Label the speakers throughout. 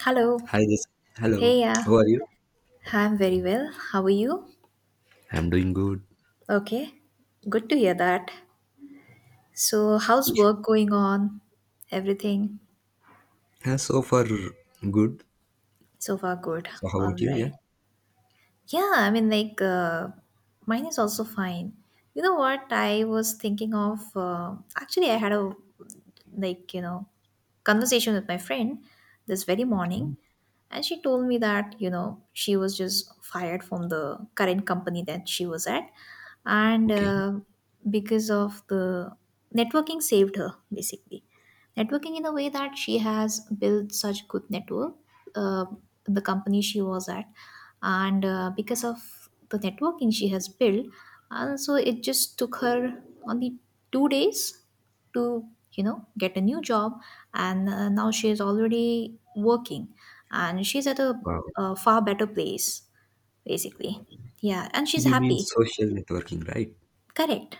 Speaker 1: Hello.
Speaker 2: Hi, this. Hello.
Speaker 1: Hey, yeah.
Speaker 2: How are you?
Speaker 1: I'm very well. How are you?
Speaker 2: I'm doing good.
Speaker 1: Okay. Good to hear that. So, how's work going on? Everything
Speaker 2: Yeah, so far, good.
Speaker 1: so far good.
Speaker 2: So, how
Speaker 1: All
Speaker 2: about you? Yeah.
Speaker 1: right. Yeah, I mean, like, mine is also fine. You know what? I was thinking of actually, I had a like, conversation with my friend this very morning,
Speaker 2: Mm,
Speaker 1: and she told me that, she was just fired from the current company that she was at, and
Speaker 2: okay.
Speaker 1: because of the networking saved her basically, networking in a way that she has built such good network uh, the company she was at, and because of the networking she has built. And so it just took her only 2 days to get a new job, and now she is already working, and she's at a,
Speaker 2: Wow.
Speaker 1: a far better place, basically. Yeah, and she's
Speaker 2: You mean
Speaker 1: happy.
Speaker 2: social networking, right?
Speaker 1: Correct.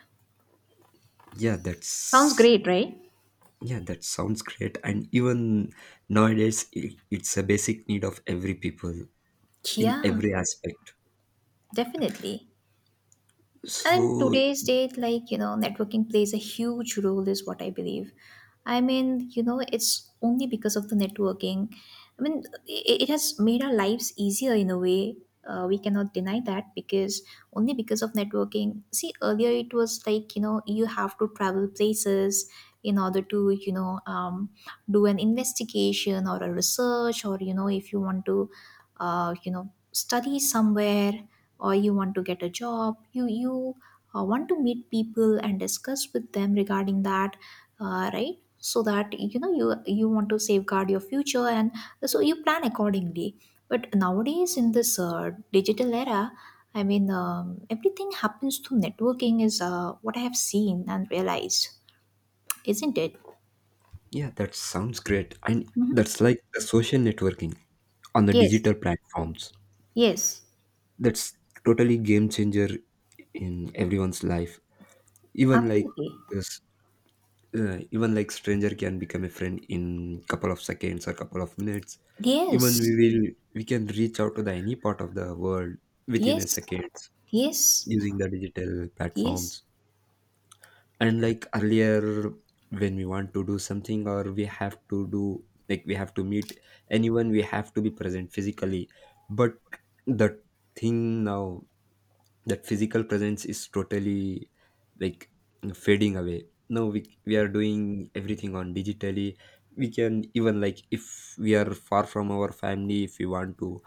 Speaker 2: Yeah,
Speaker 1: Sounds
Speaker 2: that's
Speaker 1: great, right?
Speaker 2: yeah, that sounds great. And even nowadays, I it's a basic need of every people in
Speaker 1: Yeah,
Speaker 2: every aspect.
Speaker 1: definitely. And think
Speaker 2: So,
Speaker 1: today's date, like, networking plays a huge role, is what I believe. I mean, it's only because of the networking. I mean, it has made our lives easier in a way. We cannot deny that, because only because of networking. See, earlier it was like, you have to travel places in order to, do an investigation or a research, or, if you want to, study somewhere, or you want to get a job, you want to meet people and discuss with them regarding that, right? So that you want to safeguard your future, and so you plan accordingly. But nowadays in this digital era, I mean, everything happens through networking is what I have seen and realized, isn't it?
Speaker 2: yeah, that sounds great. And
Speaker 1: Mhm.
Speaker 2: that's like the social networking on the
Speaker 1: Yes.
Speaker 2: digital platforms.
Speaker 1: Yes.
Speaker 2: That's totally game changer in everyone's life. even like
Speaker 1: Absolutely.
Speaker 2: s- even like stranger can become a friend in couple of seconds or couple of minutes. Even
Speaker 1: Yes.
Speaker 2: we can reach out to the any part of the world within a
Speaker 1: Yes.
Speaker 2: seconds
Speaker 1: Yes.
Speaker 2: using the digital platforms.
Speaker 1: Yes.
Speaker 2: And like earlier, when we want to do something, or we have to do, like, we have to meet anyone, we have to be present physically. But the thing now, that physical presence is totally like fading away. Now we are doing everything on digitally. We can even like, if we are far from our family, if we want to,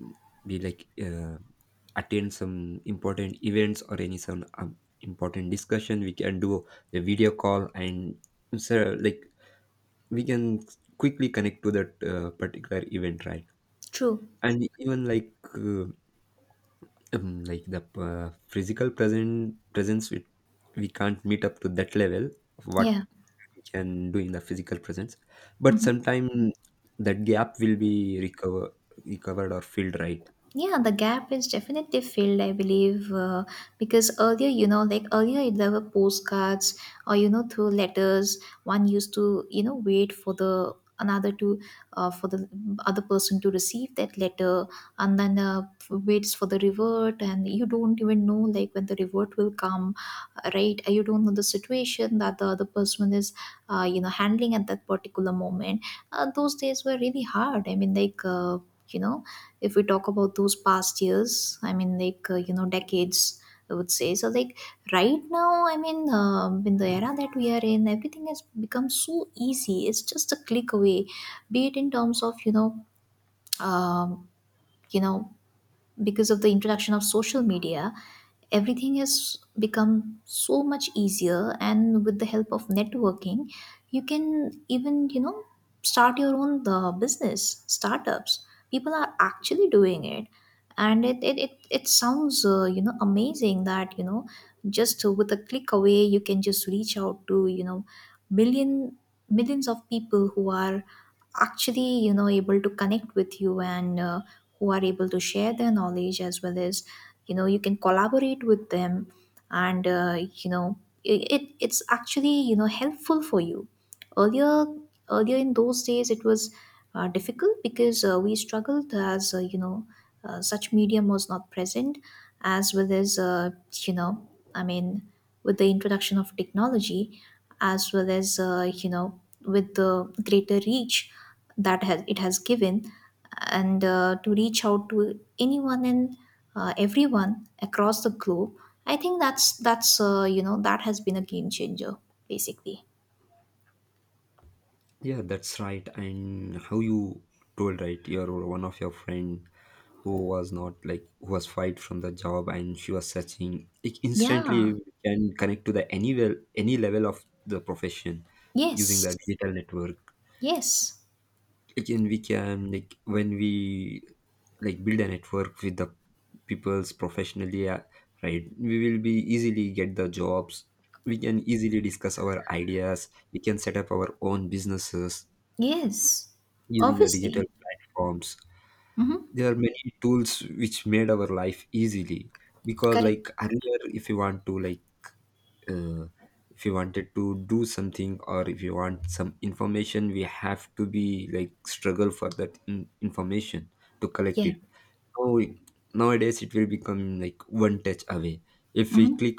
Speaker 2: mm, be like, attend some important events, or any some important discussion, we can do a video call. And so, like, we can quickly connect to that particular event, right?
Speaker 1: True.
Speaker 2: And even like the physical present presence, we can't meet up to that level of what
Speaker 1: Yeah.
Speaker 2: we can do in the physical presence. But
Speaker 1: Hmm.
Speaker 2: sometime that gap will be recovered or filled, right?
Speaker 1: Yeah, the gap is definitely filled, I believe, because earlier, you know, like earlier there were postcards or, through letters, one used to, wait for the another to for the other person to receive that letter, and then waits for the revert, and you don't even know like when the revert will come, right? You don't know the situation that the other person is handling at that particular moment. Those days were really hard. I mean, like you know if we talk about those past years, I mean, like decades, I would say. So, like right now, I mean, in the era that we are in, everything has become so easy. It's just a click away, be it in terms of, um, you know because of the introduction of social media, everything has become so much easier. And with the help of networking, you can even, you know, start your own business startups. People are actually doing it, and it sounds you know, amazing, that you know, just with a click away, you can just reach out to you know, million millions of people who are actually, you know, able to connect with you, and who are able to share their knowledge, as well as you know, you can collaborate with them. And you know, it's actually, you know, helpful for you. earlier Earlier in those days it was difficult, because we struggled, as such medium was not present, as well as you know, I mean, with the introduction of technology, as well as you know, with the greater reach that has it has given, and to reach out to anyone and everyone across the globe. I think that's you know, that has been a game changer, basically.
Speaker 2: Yeah, that's right. And how you told right, your one of your friend who was not like who was fired from the job, and she was searching, it
Speaker 1: Yeah.
Speaker 2: instantly can connect to the any anywhere any level of the profession using the
Speaker 1: Yes.
Speaker 2: digital network.
Speaker 1: Yes,
Speaker 2: Again, we can, like, when we like build a network with the people's professionally, right, we will be easily get the jobs, we can easily discuss our ideas, we can set up our own businesses
Speaker 1: yes,
Speaker 2: using the digital
Speaker 1: obviously.
Speaker 2: platforms.
Speaker 1: Mm-hmm.
Speaker 2: There are many tools which made our life easily, because
Speaker 1: Correct.
Speaker 2: like earlier, if you want to like, uh, if you wanted to do something or if you want some information, we have to be like struggle for that information to collect
Speaker 1: Yeah.
Speaker 2: it. now Nowadays it will become like one touch away, if we
Speaker 1: Mm-hmm.
Speaker 2: click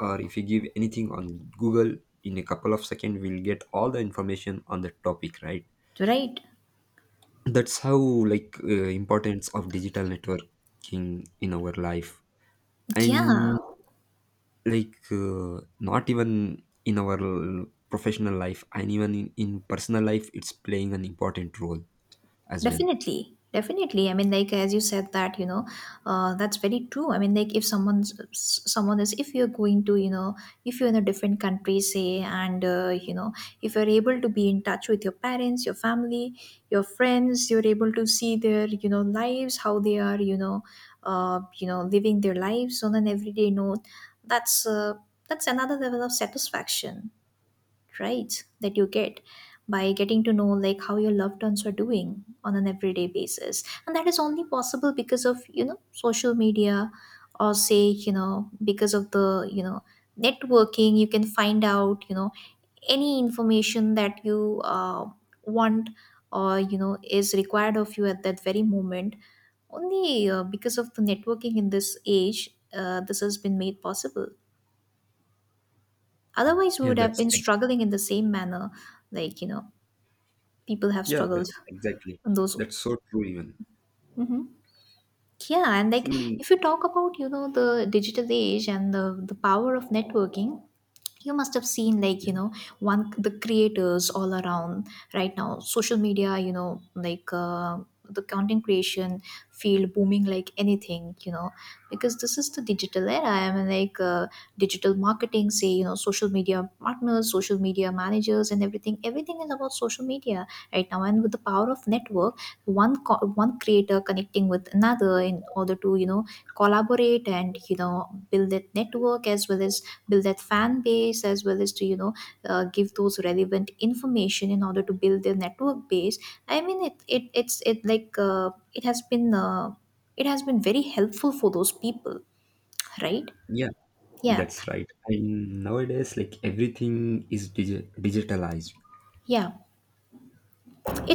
Speaker 2: or if we give anything on Google, in a couple of seconds we'll get all the information on the topic, right?
Speaker 1: Right.
Speaker 2: That's how, like, importance of digital networking in our life.
Speaker 1: Yeah.
Speaker 2: And like not even in our professional life, and even in personal life, it's playing an important role as well.
Speaker 1: Definitely, definitely. I mean, like as you said that, you know, that's very true. I mean, like if someone is, if you're going to, if you're in a different country, say, and you know, if you're able to be in touch with your parents, your family, your friends, you're able to see their, you know, lives, how they are, you know, living their lives on an everyday note. That's uh, that's another level of satisfaction, right, that you get, by getting to know like how your loved ones are doing on an everyday basis. And that is only possible because of, you know, social media, or say, you know, because of the, you know, networking, you can find out, you know, any information that you want, or you know, is required of you at that very moment. Only because of the networking in this age, this has been made possible. Otherwise, we
Speaker 2: Yeah,
Speaker 1: would have been struggling in the same manner, like, you know, people have
Speaker 2: yeah,
Speaker 1: struggled
Speaker 2: that's exactly,
Speaker 1: in those.
Speaker 2: that's so true. even
Speaker 1: Mhm. Yeah, and like
Speaker 2: even
Speaker 1: if you talk about, you know, the digital age and the power of networking, you must have seen, like you know, one, the creators all around right now, social media, you know, like the content creation field booming like anything, you know, because this is the digital era. I mean, like digital marketing, say, you know, social media partners, social media managers, and everything, everything is about social media right now. And with the power of network, one creator connecting with another in order to, you know, collaborate, and you know, build that network, as well as build that fan base, as well as to, you know, give those relevant information in order to build their network base. I mean, it it has been very helpful for those people, right?
Speaker 2: yeah,
Speaker 1: Yeah.
Speaker 2: that's right. And nowadays like everything is digitalized.
Speaker 1: Yeah.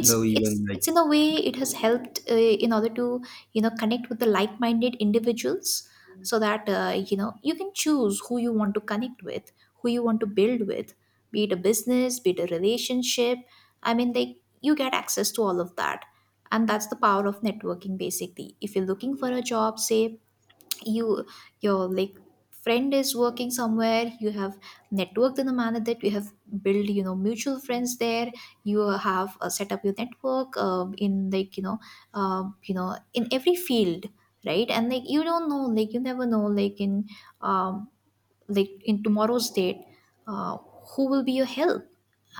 Speaker 2: Though,
Speaker 1: it's
Speaker 2: even
Speaker 1: it's
Speaker 2: like,
Speaker 1: in a way it has helped, in order to, you know, connect with the like-minded individuals, so that you know, you can choose who you want to connect with, who you want to build with, be it a business, be it a relationship. I mean, like you get access to all of that, and that's the power of networking, basically. If you're looking for a job, say, you, your like friend is working somewhere, you have networked in the manner that you have built, you know, mutual friends there. You have set up your network, um, in like, you know, um, you know, in every field, right? And like, you don't know, like you never know, um, like in tomorrow's date, uh, who will be your help.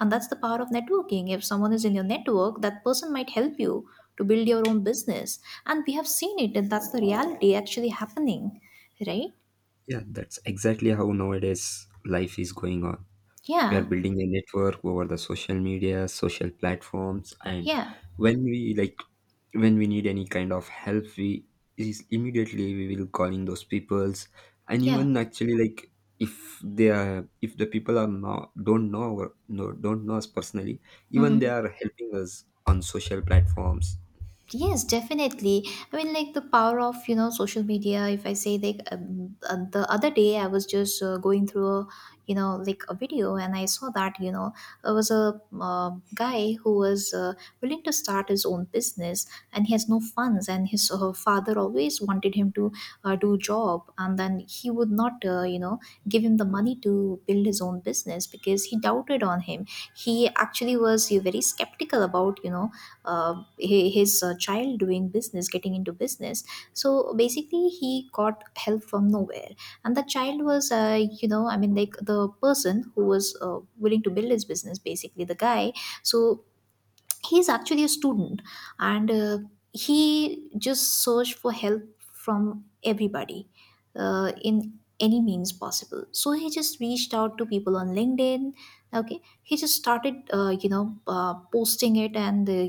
Speaker 1: And that's the power of networking. If someone is in your network, that person might help you to build your own business. And we have seen it, and that's the reality, actually happening, right?
Speaker 2: yeah, that's exactly how nowadays life is going on. We are
Speaker 1: Yeah.
Speaker 2: building a network over the social media social platforms. And
Speaker 1: Yeah.
Speaker 2: when we like when we need any kind of help, we is immediately we will calling those peoples. And
Speaker 1: Yeah.
Speaker 2: even actually, like, if the people are not, don't know us personally, even they
Speaker 1: Mm-hmm.
Speaker 2: are helping us on social platforms.
Speaker 1: Yes, definitely. I mean, like the power of, you know, social media. If I say, like the other day, I was just going through a, you know, like a video, and I saw that, you know, there was a guy who was willing to start his own business, and he has no funds, and his father always wanted him to do job. And then he would not, you know, give him the money to build his own business, because he doubted on him. He actually was very skeptical about, you know, uh, his child doing business, getting into business. So basically he got help from nowhere. And the child was, you know, I mean, like the person who was willing to build his business, basically the guy, so he's actually a student. And he just searched for help from everybody, in any means possible. So he just reached out to people on LinkedIn. Okay, he just started you know, posting it, and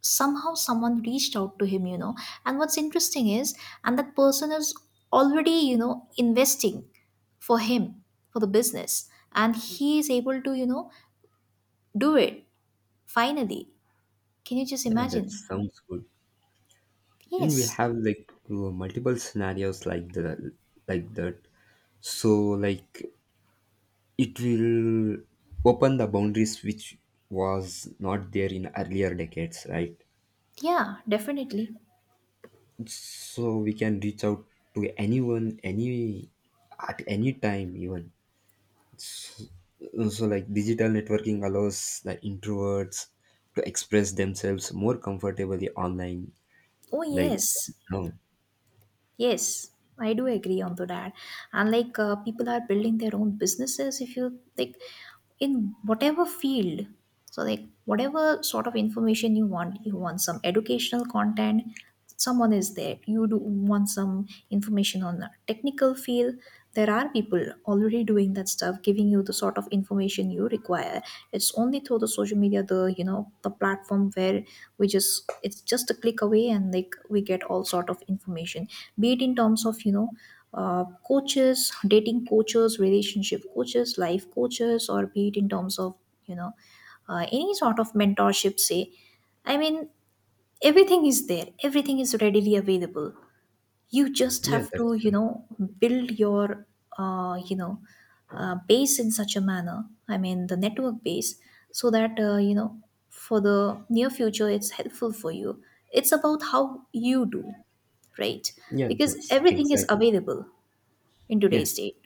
Speaker 1: somehow someone reached out to him, you know. And what's interesting is, and that person is already, you know, investing for him, for the business, and he is able to, you know, do it, finally. Can you just
Speaker 2: Yeah, that
Speaker 1: imagine?
Speaker 2: sounds good. And we
Speaker 1: Yes,
Speaker 2: have like multiple scenarios, like, the like that. So like, it will open the boundaries which was not there in earlier decades, right?
Speaker 1: yeah, definitely.
Speaker 2: So we can reach out to anyone, any at any time, even. So, like, digital networking allows the introverts to express themselves more comfortably online.
Speaker 1: Oh,
Speaker 2: Like,
Speaker 1: yes,
Speaker 2: no,
Speaker 1: yes, I do agree on to that. And like people are building their own businesses. If you like, in whatever field, so like whatever sort of information you want, you want some educational content, someone is there. You do want some information on a technical field, there are people already doing that stuff, giving you the sort of information you require. It's only through the social media, the, you know, the platform where we just, it's just a click away, and like we get all sort of information, be it in terms of, you know, coaches, dating coaches, relationship coaches, life coaches, or be it in terms of, you know, any sort of mentorship, say. I mean, everything is there, everything is readily available. You just
Speaker 2: yeah,
Speaker 1: have
Speaker 2: that's
Speaker 1: to, you
Speaker 2: right.
Speaker 1: know, build your, uh, you know, base in such a manner, I mean, the network base, so that, you know, for the near future, it's helpful for you. It's about how you do, right?
Speaker 2: Yeah,
Speaker 1: Because
Speaker 2: that's
Speaker 1: everything is
Speaker 2: exactly.
Speaker 1: available in
Speaker 2: Yeah,
Speaker 1: today's date.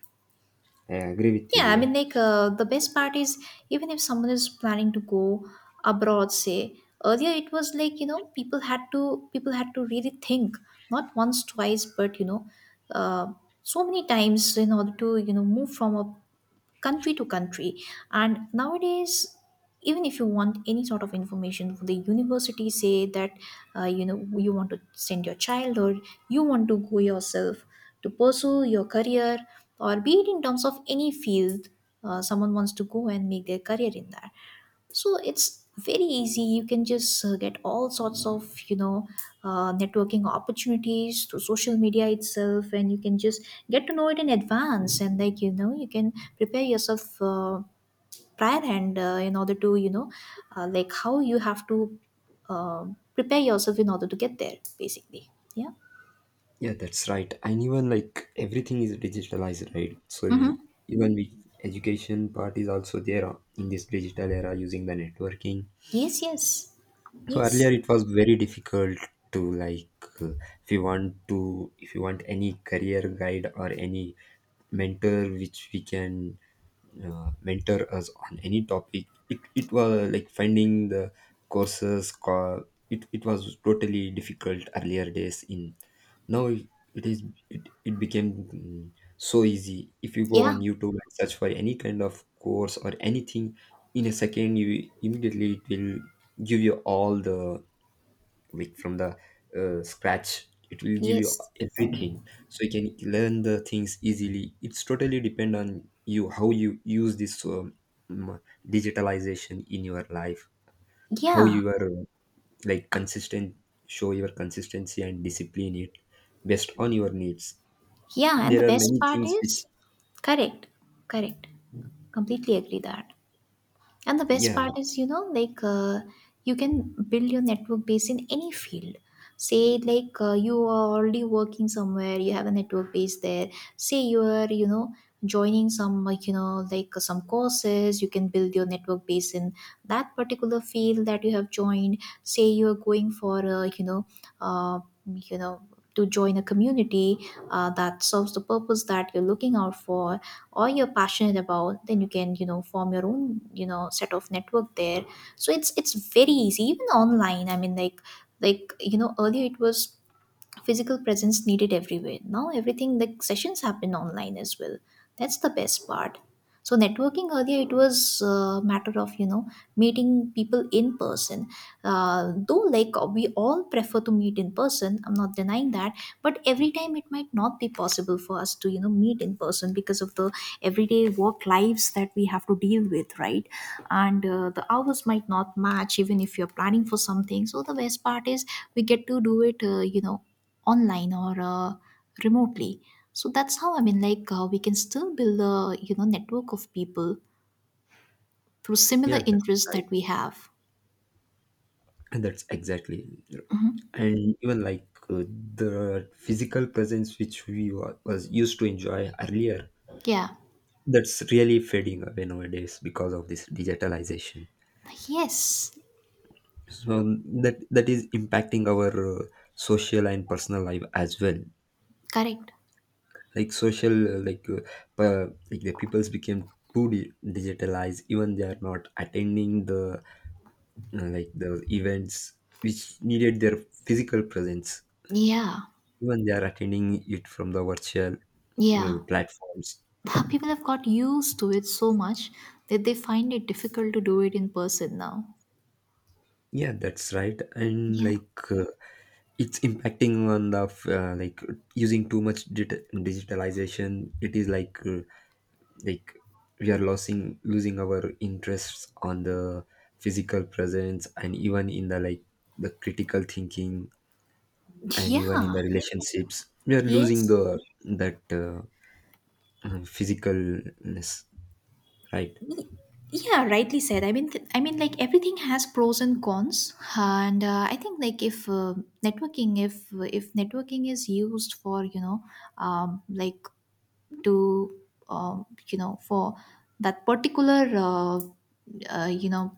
Speaker 2: I agree with
Speaker 1: Yeah,
Speaker 2: you.
Speaker 1: I
Speaker 2: Yeah.
Speaker 1: mean, the best part is even if someone is planning to go abroad, say earlier it was like you know people had to really think not once, twice, but uh, so many times in order to you know move from a country to country. And nowadays, even if you want any sort of information, for the university say that you know you want to send your child or you want to go yourself to pursue your career or be it in terms of any field, someone wants to go and make their career in that. So it's very easy, you can just get all sorts of networking opportunities through social media itself, and you can just get to know it in advance, and like you know you can prepare yourself prior, and in order to you know like how you have to uh, prepare yourself in order to get there basically. Yeah.
Speaker 2: Yeah, that's right. And even like everything is digitalized, right? So
Speaker 1: Hmm.
Speaker 2: you, even we education part is also there in this digital era using the networking.
Speaker 1: Yes, yes.
Speaker 2: So earlier
Speaker 1: Yes.
Speaker 2: it was very difficult to like, uh, if you want any career guide or any mentor which we can, mentor us on any topic. It was like finding the courses, it was totally difficult earlier days in, now it is, it became so easy, if you go
Speaker 1: Yeah,
Speaker 2: on YouTube and search for any kind of course or anything, in a second you immediately, it will give you all the, like, from the scratch, it will give you
Speaker 1: yes.
Speaker 2: everything, so you can learn the things easily. It's totally depend on you how you use this mm, digitalization in your life, how
Speaker 1: Yeah,
Speaker 2: you are, like, consistent, show your consistency and discipline it based on your needs.
Speaker 1: yeah. And the
Speaker 2: There are
Speaker 1: best
Speaker 2: many
Speaker 1: part
Speaker 2: things which,
Speaker 1: is, correct, correct. Completely agree that. And the best
Speaker 2: yeah,
Speaker 1: part is, you know, you can build your network base in any field. Say, you are already working somewhere, you have a network base there. Say you are, you know, joining some, like, you know, some courses, you can build your network base in that particular field that you have joined. Say you are going for, uh, you know, to join a community that serves the purpose that you're looking out for or you're passionate about, then you can you know form your own you know set of network there. So it's very easy even online. I mean, like you know earlier it was physical presence needed everywhere, now everything, like sessions happen online as well. That's the best part. So networking, earlier it was a matter of you know meeting people in person. Though like we all prefer to meet in person, I'm not denying that, but every time it might not be possible for us to you know meet in person because of the everyday work lives that we have to deal with, right? And the hours might not match even if you're planning for something. So the best part is we get to do it you know online or remotely. So that's how, I mean we can still build a you know network of people through similar
Speaker 2: yeah, that's
Speaker 1: interests
Speaker 2: right.
Speaker 1: that we have.
Speaker 2: And that's exactly. And even like the physical presence which we was used to enjoy earlier,
Speaker 1: Yeah.
Speaker 2: that's really fading away nowadays because of this digitalization.
Speaker 1: Yes.
Speaker 2: So that is impacting our social and personal life as well.
Speaker 1: Correct.
Speaker 2: Like, social, like, like the peoples became too digitalized, even they are not attending the like, the events which needed their physical presence,
Speaker 1: Yeah.
Speaker 2: even they are attending it from the virtual
Speaker 1: Yeah.
Speaker 2: platforms.
Speaker 1: People have got used to it so much that they find it difficult to do it in person now.
Speaker 2: Yeah, that's right. And
Speaker 1: Yeah.
Speaker 2: like it's impacting on the like, using too much digitalization. It is like, like, we are losing our interests on the physical presence, and even in the, like, the critical thinking, and even in
Speaker 1: Yeah.
Speaker 2: the relationships. We are losing
Speaker 1: Yes.
Speaker 2: the that, physicalness, right?
Speaker 1: Y- Yeah, rightly said. I mean, I mean, like everything has pros and cons, and I think like if if networking is used for you know, um, like to um, you know for that particular you know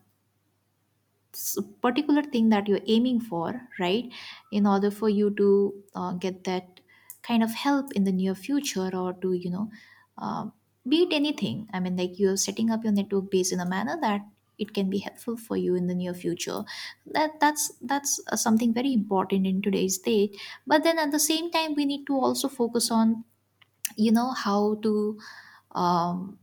Speaker 1: particular thing that you're aiming for, right? In order for you to get that kind of help in the near future, or to, you know, uh, beat anything. I mean, like you're setting up your network base in a manner that it can be helpful for you in the near future. That's something very important in today's day. But then at the same time we need to also focus on you know how to, um,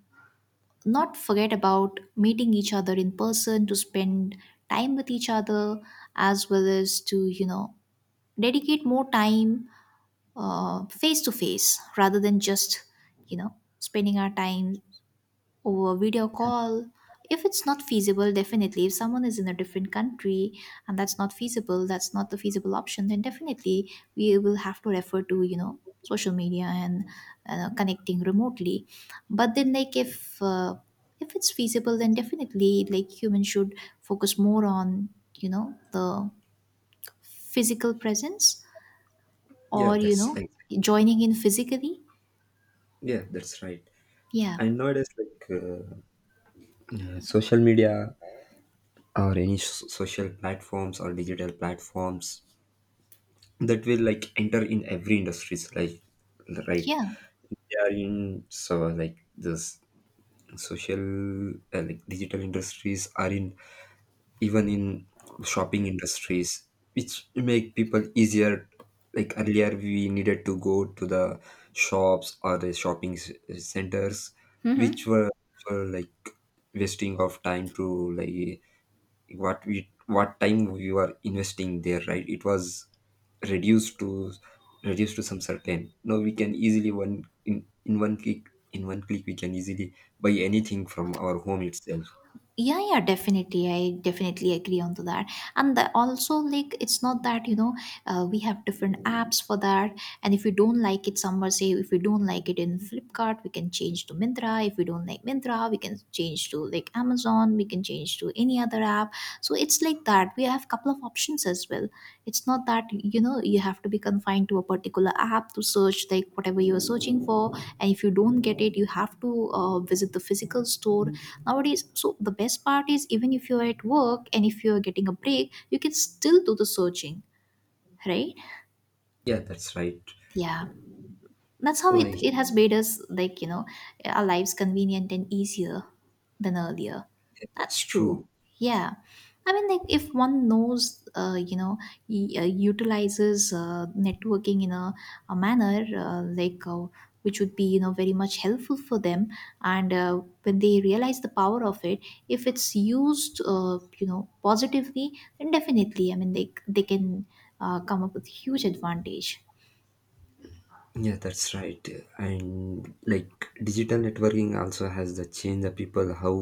Speaker 1: not forget about meeting each other in person, to spend time with each other, as well as to you know dedicate more time face to face, rather than just you know spending our time or video call. If it's not feasible, definitely. If someone is in a different country and that's not feasible, that's not the feasible option, then definitely we will have to refer to, you know, social media and connecting remotely. But then, like, if it's feasible, then definitely, like, humans should focus more on, you know, the physical presence,
Speaker 2: Yeah,
Speaker 1: or, you
Speaker 2: that's
Speaker 1: know,
Speaker 2: like
Speaker 1: joining in physically.
Speaker 2: yeah, that's right.
Speaker 1: Yeah.
Speaker 2: And nowadays, like, social media or any social platforms or digital platforms that will like enter in every industries, like, right,
Speaker 1: Yeah.
Speaker 2: they are in. So like, this social, like, digital industries are in, even in shopping industries which make people easier. Like earlier we needed to go to the shops or the shopping centers, which
Speaker 1: Mhm.
Speaker 2: were like wasting of time, to like, what time we were investing there, right? It was reduced to reduced to some certain, now we can easily one in, in one click in one click, we can easily buy anything from our home itself.
Speaker 1: Yeah, yeah, definitely, I definitely agree on to that. And also like it's not that you know we have different apps for that, and if we don't like it somewhere, say if we don't like it in Flipkart we can change to Mintra, if we don't like Mintra we can change to like Amazon, we can change to any other app. So it's like that we have couple of options as well. It's not that you know you have to be confined to a particular app to search like whatever you are searching for, and if you don't get it you have to visit the physical store nowadays. So the best part is even if you're at work and if you're getting a break you can still do the searching, right?
Speaker 2: Yeah, that's right,
Speaker 1: Yeah. That's how
Speaker 2: like,
Speaker 1: it has made us, like, you know, our lives convenient and easier than earlier.
Speaker 2: that's
Speaker 1: That's
Speaker 2: true.
Speaker 1: true. Yeah. I mean, like, if one knows, you know, utilizes networking in a manner, which would be, you know, very much helpful for them. And when they realize the power of it, if it's used, you know, positively, then definitely, I mean, they can come up with huge advantage.
Speaker 2: Yeah, that's right. And like, digital networking also has the change the people how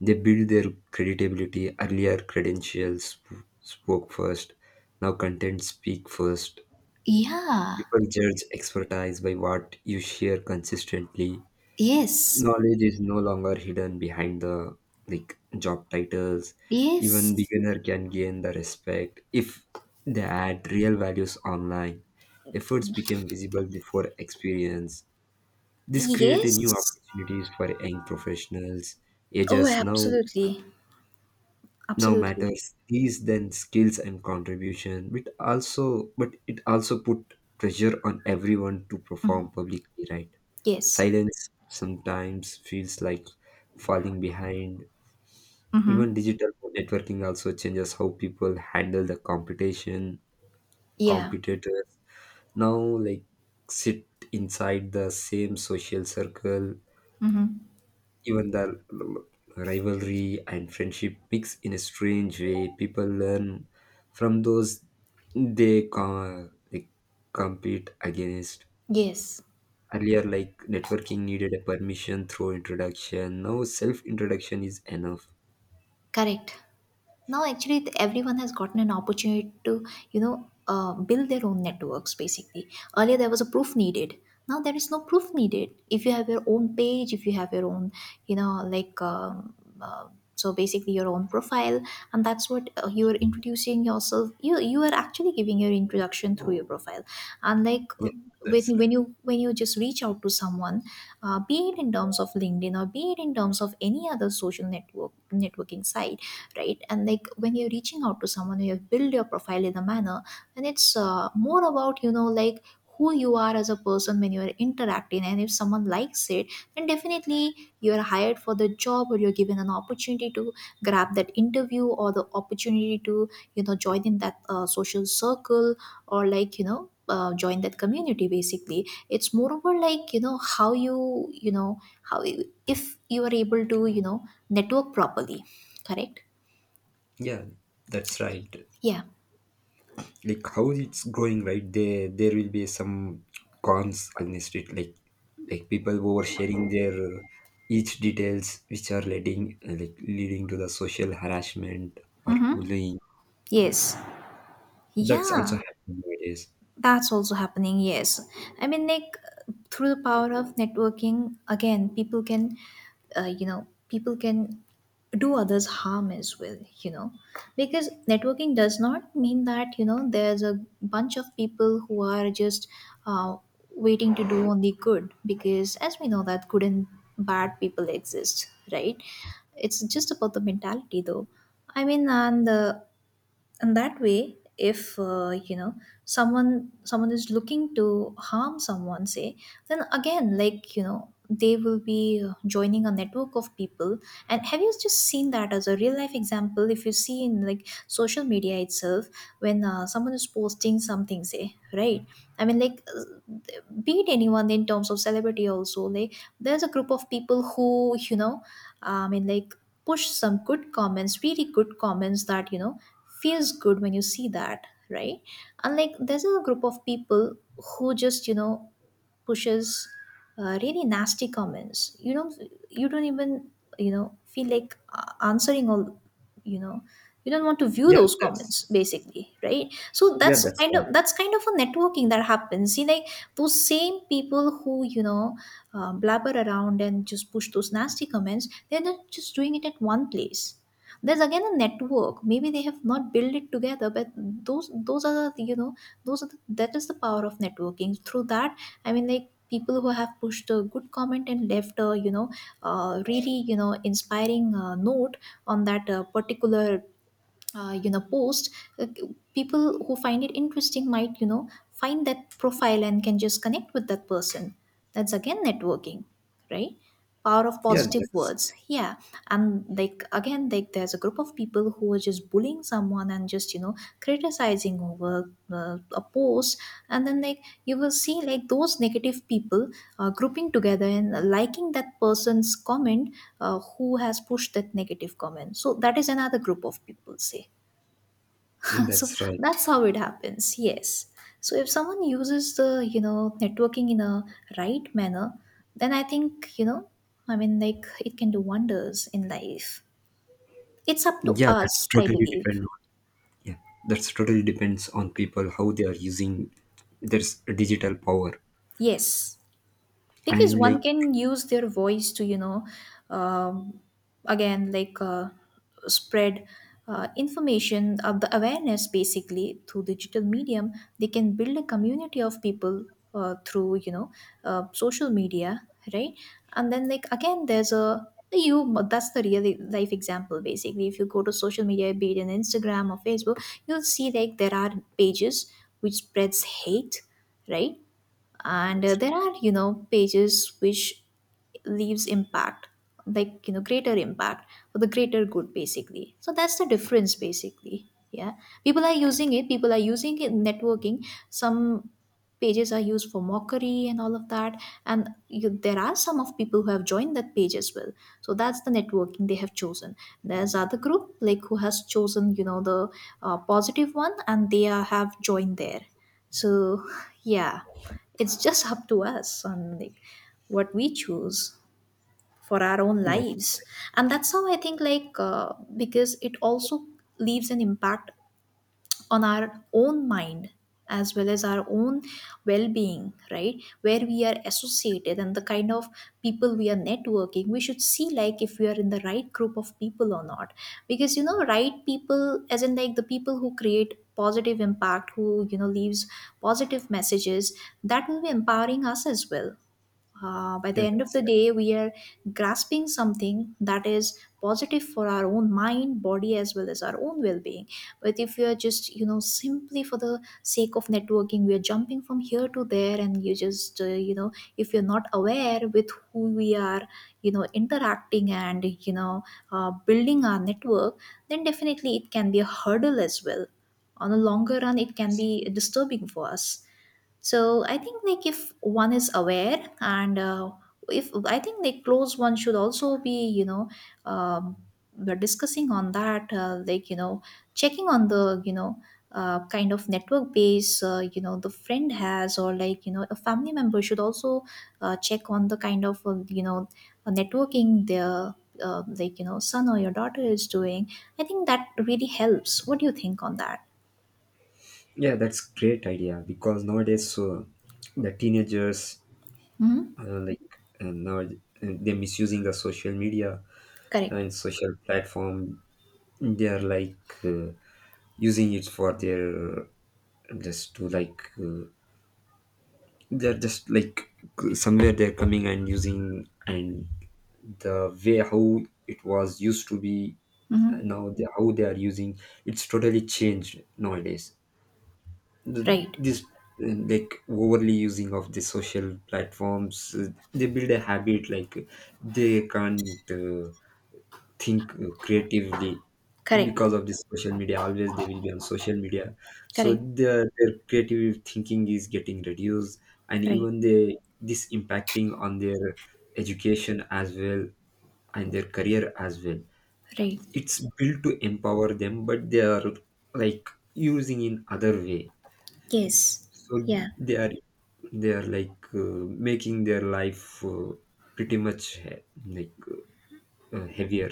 Speaker 2: they build their credibility. Earlier credentials spoke first, now content speak first.
Speaker 1: Yeah.
Speaker 2: People judge expertise by what you share consistently.
Speaker 1: Yes.
Speaker 2: Knowledge is no longer hidden behind the, like, job titles. Even
Speaker 1: Yes.
Speaker 2: beginner can gain the respect if they add real values online. Efforts become visible before experience. This create a new
Speaker 1: Yes.
Speaker 2: opportunities for young professionals.
Speaker 1: Oh,
Speaker 2: Ages now
Speaker 1: absolutely.
Speaker 2: now
Speaker 1: Absolutely.
Speaker 2: matters these then skills and contribution, but it also put pressure on everyone to perform publicly, right?
Speaker 1: Yes.
Speaker 2: Silence sometimes feels like falling behind.
Speaker 1: Mm-hmm.
Speaker 2: Even digital networking also changes how people handle the competition
Speaker 1: Yeah.
Speaker 2: competitors. Now, like, sit inside the same social circle.
Speaker 1: Mm-hmm.
Speaker 2: Even the rivalry and friendship mix in a strange way. People learn from those they compete against.
Speaker 1: Yes.
Speaker 2: Earlier, like networking needed a permission through introduction. Now, self introduction is enough.
Speaker 1: Correct. Now actually, everyone has gotten an opportunity to you know build their own networks basically. Earlier there was a proof needed, now there is no proof needed if you have your own page, if you have your own you know uh, so basically your own profile, and that's what you are introducing yourself, you are actually giving your introduction through your profile. And
Speaker 2: Yeah, that's
Speaker 1: when, when
Speaker 2: right.
Speaker 1: you when you just reach out to someone, be it in terms of LinkedIn or be it in terms of any other social networking site, right? And like when you're reaching out to someone, you have built your profile in a manner, and it's more about you know like who you are as a person when you are interacting, and if someone likes it then definitely you are hired for the job, or you're given an opportunity to grab that interview or the opportunity to you know join in that social circle, or like you know join that community basically. It's more over like you know how you you know how you, if you are able to you know network properly. Correct.
Speaker 2: Yeah, that's right.
Speaker 1: Yeah.
Speaker 2: Like, how it's growing, right? There will be some cons against it, like, people oversharing their each details which are leading to the social harassment or
Speaker 1: Mm-hmm.
Speaker 2: bullying.
Speaker 1: Yes.
Speaker 2: That's also
Speaker 1: Yeah.
Speaker 2: happening nowadays.
Speaker 1: That's also happening. Yes. I mean, like through the power of networking, again, you know, people can do others harm as well. You know, because networking does not mean that you know there's a bunch of people who are just uh, waiting to do only good. Because as we know that good and bad people exist, right? It's just about the mentality, though. I mean, and the, and that way if you know someone someone is looking to harm someone, say. Then again like you know they will be joining a network of people. And have you just seen that as a real life example, if you see in like social media itself, when someone is posting something, say, right? I mean be it anyone, in terms of celebrity also, like there's a group of people who you know I mean like push some good comments, really good comments, that you know feels good when you see that, right? And like there's a group of people who just you know pushes really nasty comments. You don't, you don't even you know feel like answering all, you know, you don't want to view
Speaker 2: Yeah,
Speaker 1: those comments
Speaker 2: that's
Speaker 1: basically, right? So
Speaker 2: yeah,
Speaker 1: that's
Speaker 2: that's
Speaker 1: kind
Speaker 2: right.
Speaker 1: of, that's kind of a networking that happens, see. Like those same people who you know blabber around and just push those nasty comments, they're not just doing it at one place. There's again a network, maybe they have not built it together, but those are the you know, those are the, that is the power of networking through that. I mean, like people who have pushed a good comment and left a you know really you know inspiring note on that particular you know post, uh, people who find it interesting might you know find that profile and can just connect with that person. That's again networking, right? Power of
Speaker 2: Yeah,
Speaker 1: positive
Speaker 2: that's
Speaker 1: words, yeah. And like again, like there's a group of people who are just bullying someone and just criticizing over a post. And then like, you will see like those negative people grouping together and liking that person's comment, who has pushed that negative comment. So that is another group of people, say. So
Speaker 2: that's right.
Speaker 1: that's how it happens. Yes. So if someone uses the networking in a right manner, then I think, I mean like, it can do wonders in life. It's up to
Speaker 2: Yeah,
Speaker 1: us, I believe.
Speaker 2: yeah that's totally depends on people how they are using their digital power.
Speaker 1: Yes. Because
Speaker 2: And
Speaker 1: one
Speaker 2: like,
Speaker 1: can use their voice to, um, again like, spread information of the awareness basically through digital medium. They can build a community of people through, social media, right. And then like again, there's a you that's the real life example basically. If you go to social media, be it in Instagram or Facebook, you'll see like there are pages which spreads hate, right. And
Speaker 2: that's right.
Speaker 1: there are, pages which leaves impact, like greater impact for the greater good basically. So that's the difference basically, yeah. People are using it in networking. Some pages are used for mockery and all of that, and there are some of people who have joined that page as well. So that's the networking they have chosen. There's other group like who has chosen, the positive one, and have joined there. So yeah, it's just up to us on like what we choose for our own
Speaker 2: Yeah,
Speaker 1: lives. And that's how I think like, because it also leaves an impact on our own mind as well as our own well-being, right. Where we are associated, and the kind of people we are networking, we should see like if we are in the right group of people or not. Because right people, as in like the people who create positive impact, who leaves positive messages, that will be empowering us as well. By the
Speaker 2: yeah,
Speaker 1: end of
Speaker 2: that's
Speaker 1: the
Speaker 2: right.
Speaker 1: day, we are grasping something that is positive for our own mind, body, as well as our own well being. But if we are just, simply for the sake of networking, we are jumping from here to there, and you just, you know, if you're not aware with who we are, interacting, and, building our network, then definitely it can be a hurdle as well. On a longer run, it can be disturbing for us. So I think like if one is aware, and if I think like close one should also be, um, we're discussing on that, like checking on the, kind of network base, the friend has, or like a family member should also check on the kind of networking their, like son or your daughter is doing. I think that really helps. What do you think on that?
Speaker 2: Yeah, that's great idea, because nowadays, so the teenagers,
Speaker 1: Hmm.
Speaker 2: like, now, they're misusing the social media
Speaker 1: Correct.
Speaker 2: and social platform. They're like, using it for their, just to like, they're just like, somewhere they're coming and using, and the way how it was used to be,
Speaker 1: Hmm.
Speaker 2: now the, how they are using, it's totally changed nowadays, the,
Speaker 1: Right.
Speaker 2: this like, overly using of the social platforms, they build a habit like they can't, think, creatively,
Speaker 1: Correct.
Speaker 2: because of this social media always they will be on social media, so
Speaker 1: Correct,
Speaker 2: their creative thinking is getting reduced, and
Speaker 1: right,
Speaker 2: even they this impacting on their education as well and their career as well.
Speaker 1: right.
Speaker 2: It's built to empower them but they are like using in other way.
Speaker 1: Yes,
Speaker 2: So
Speaker 1: yeah,
Speaker 2: they are they are like, making their life, pretty much like heavier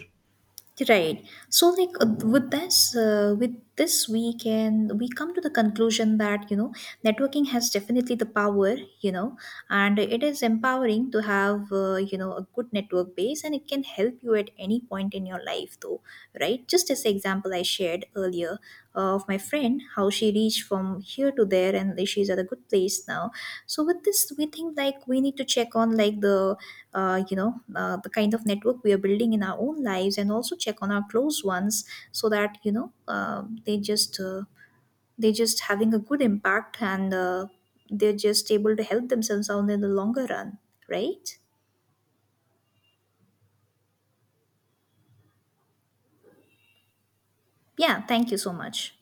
Speaker 1: right. So, like with this, we come to the conclusion that, networking has definitely the power, and it is empowering to have a good network base, and it can help you at any point in your life, though, right? Just as the example I shared earlier, of my friend, how she reached from here to there, and she's at a good place now. So with this we think like we need to check on like the you know the kind of network we are building in our own lives, and also check on our close ones. So that, they just, having a good impact, and they're just able to help themselves out in the longer run, right. Yeah, thank you so much.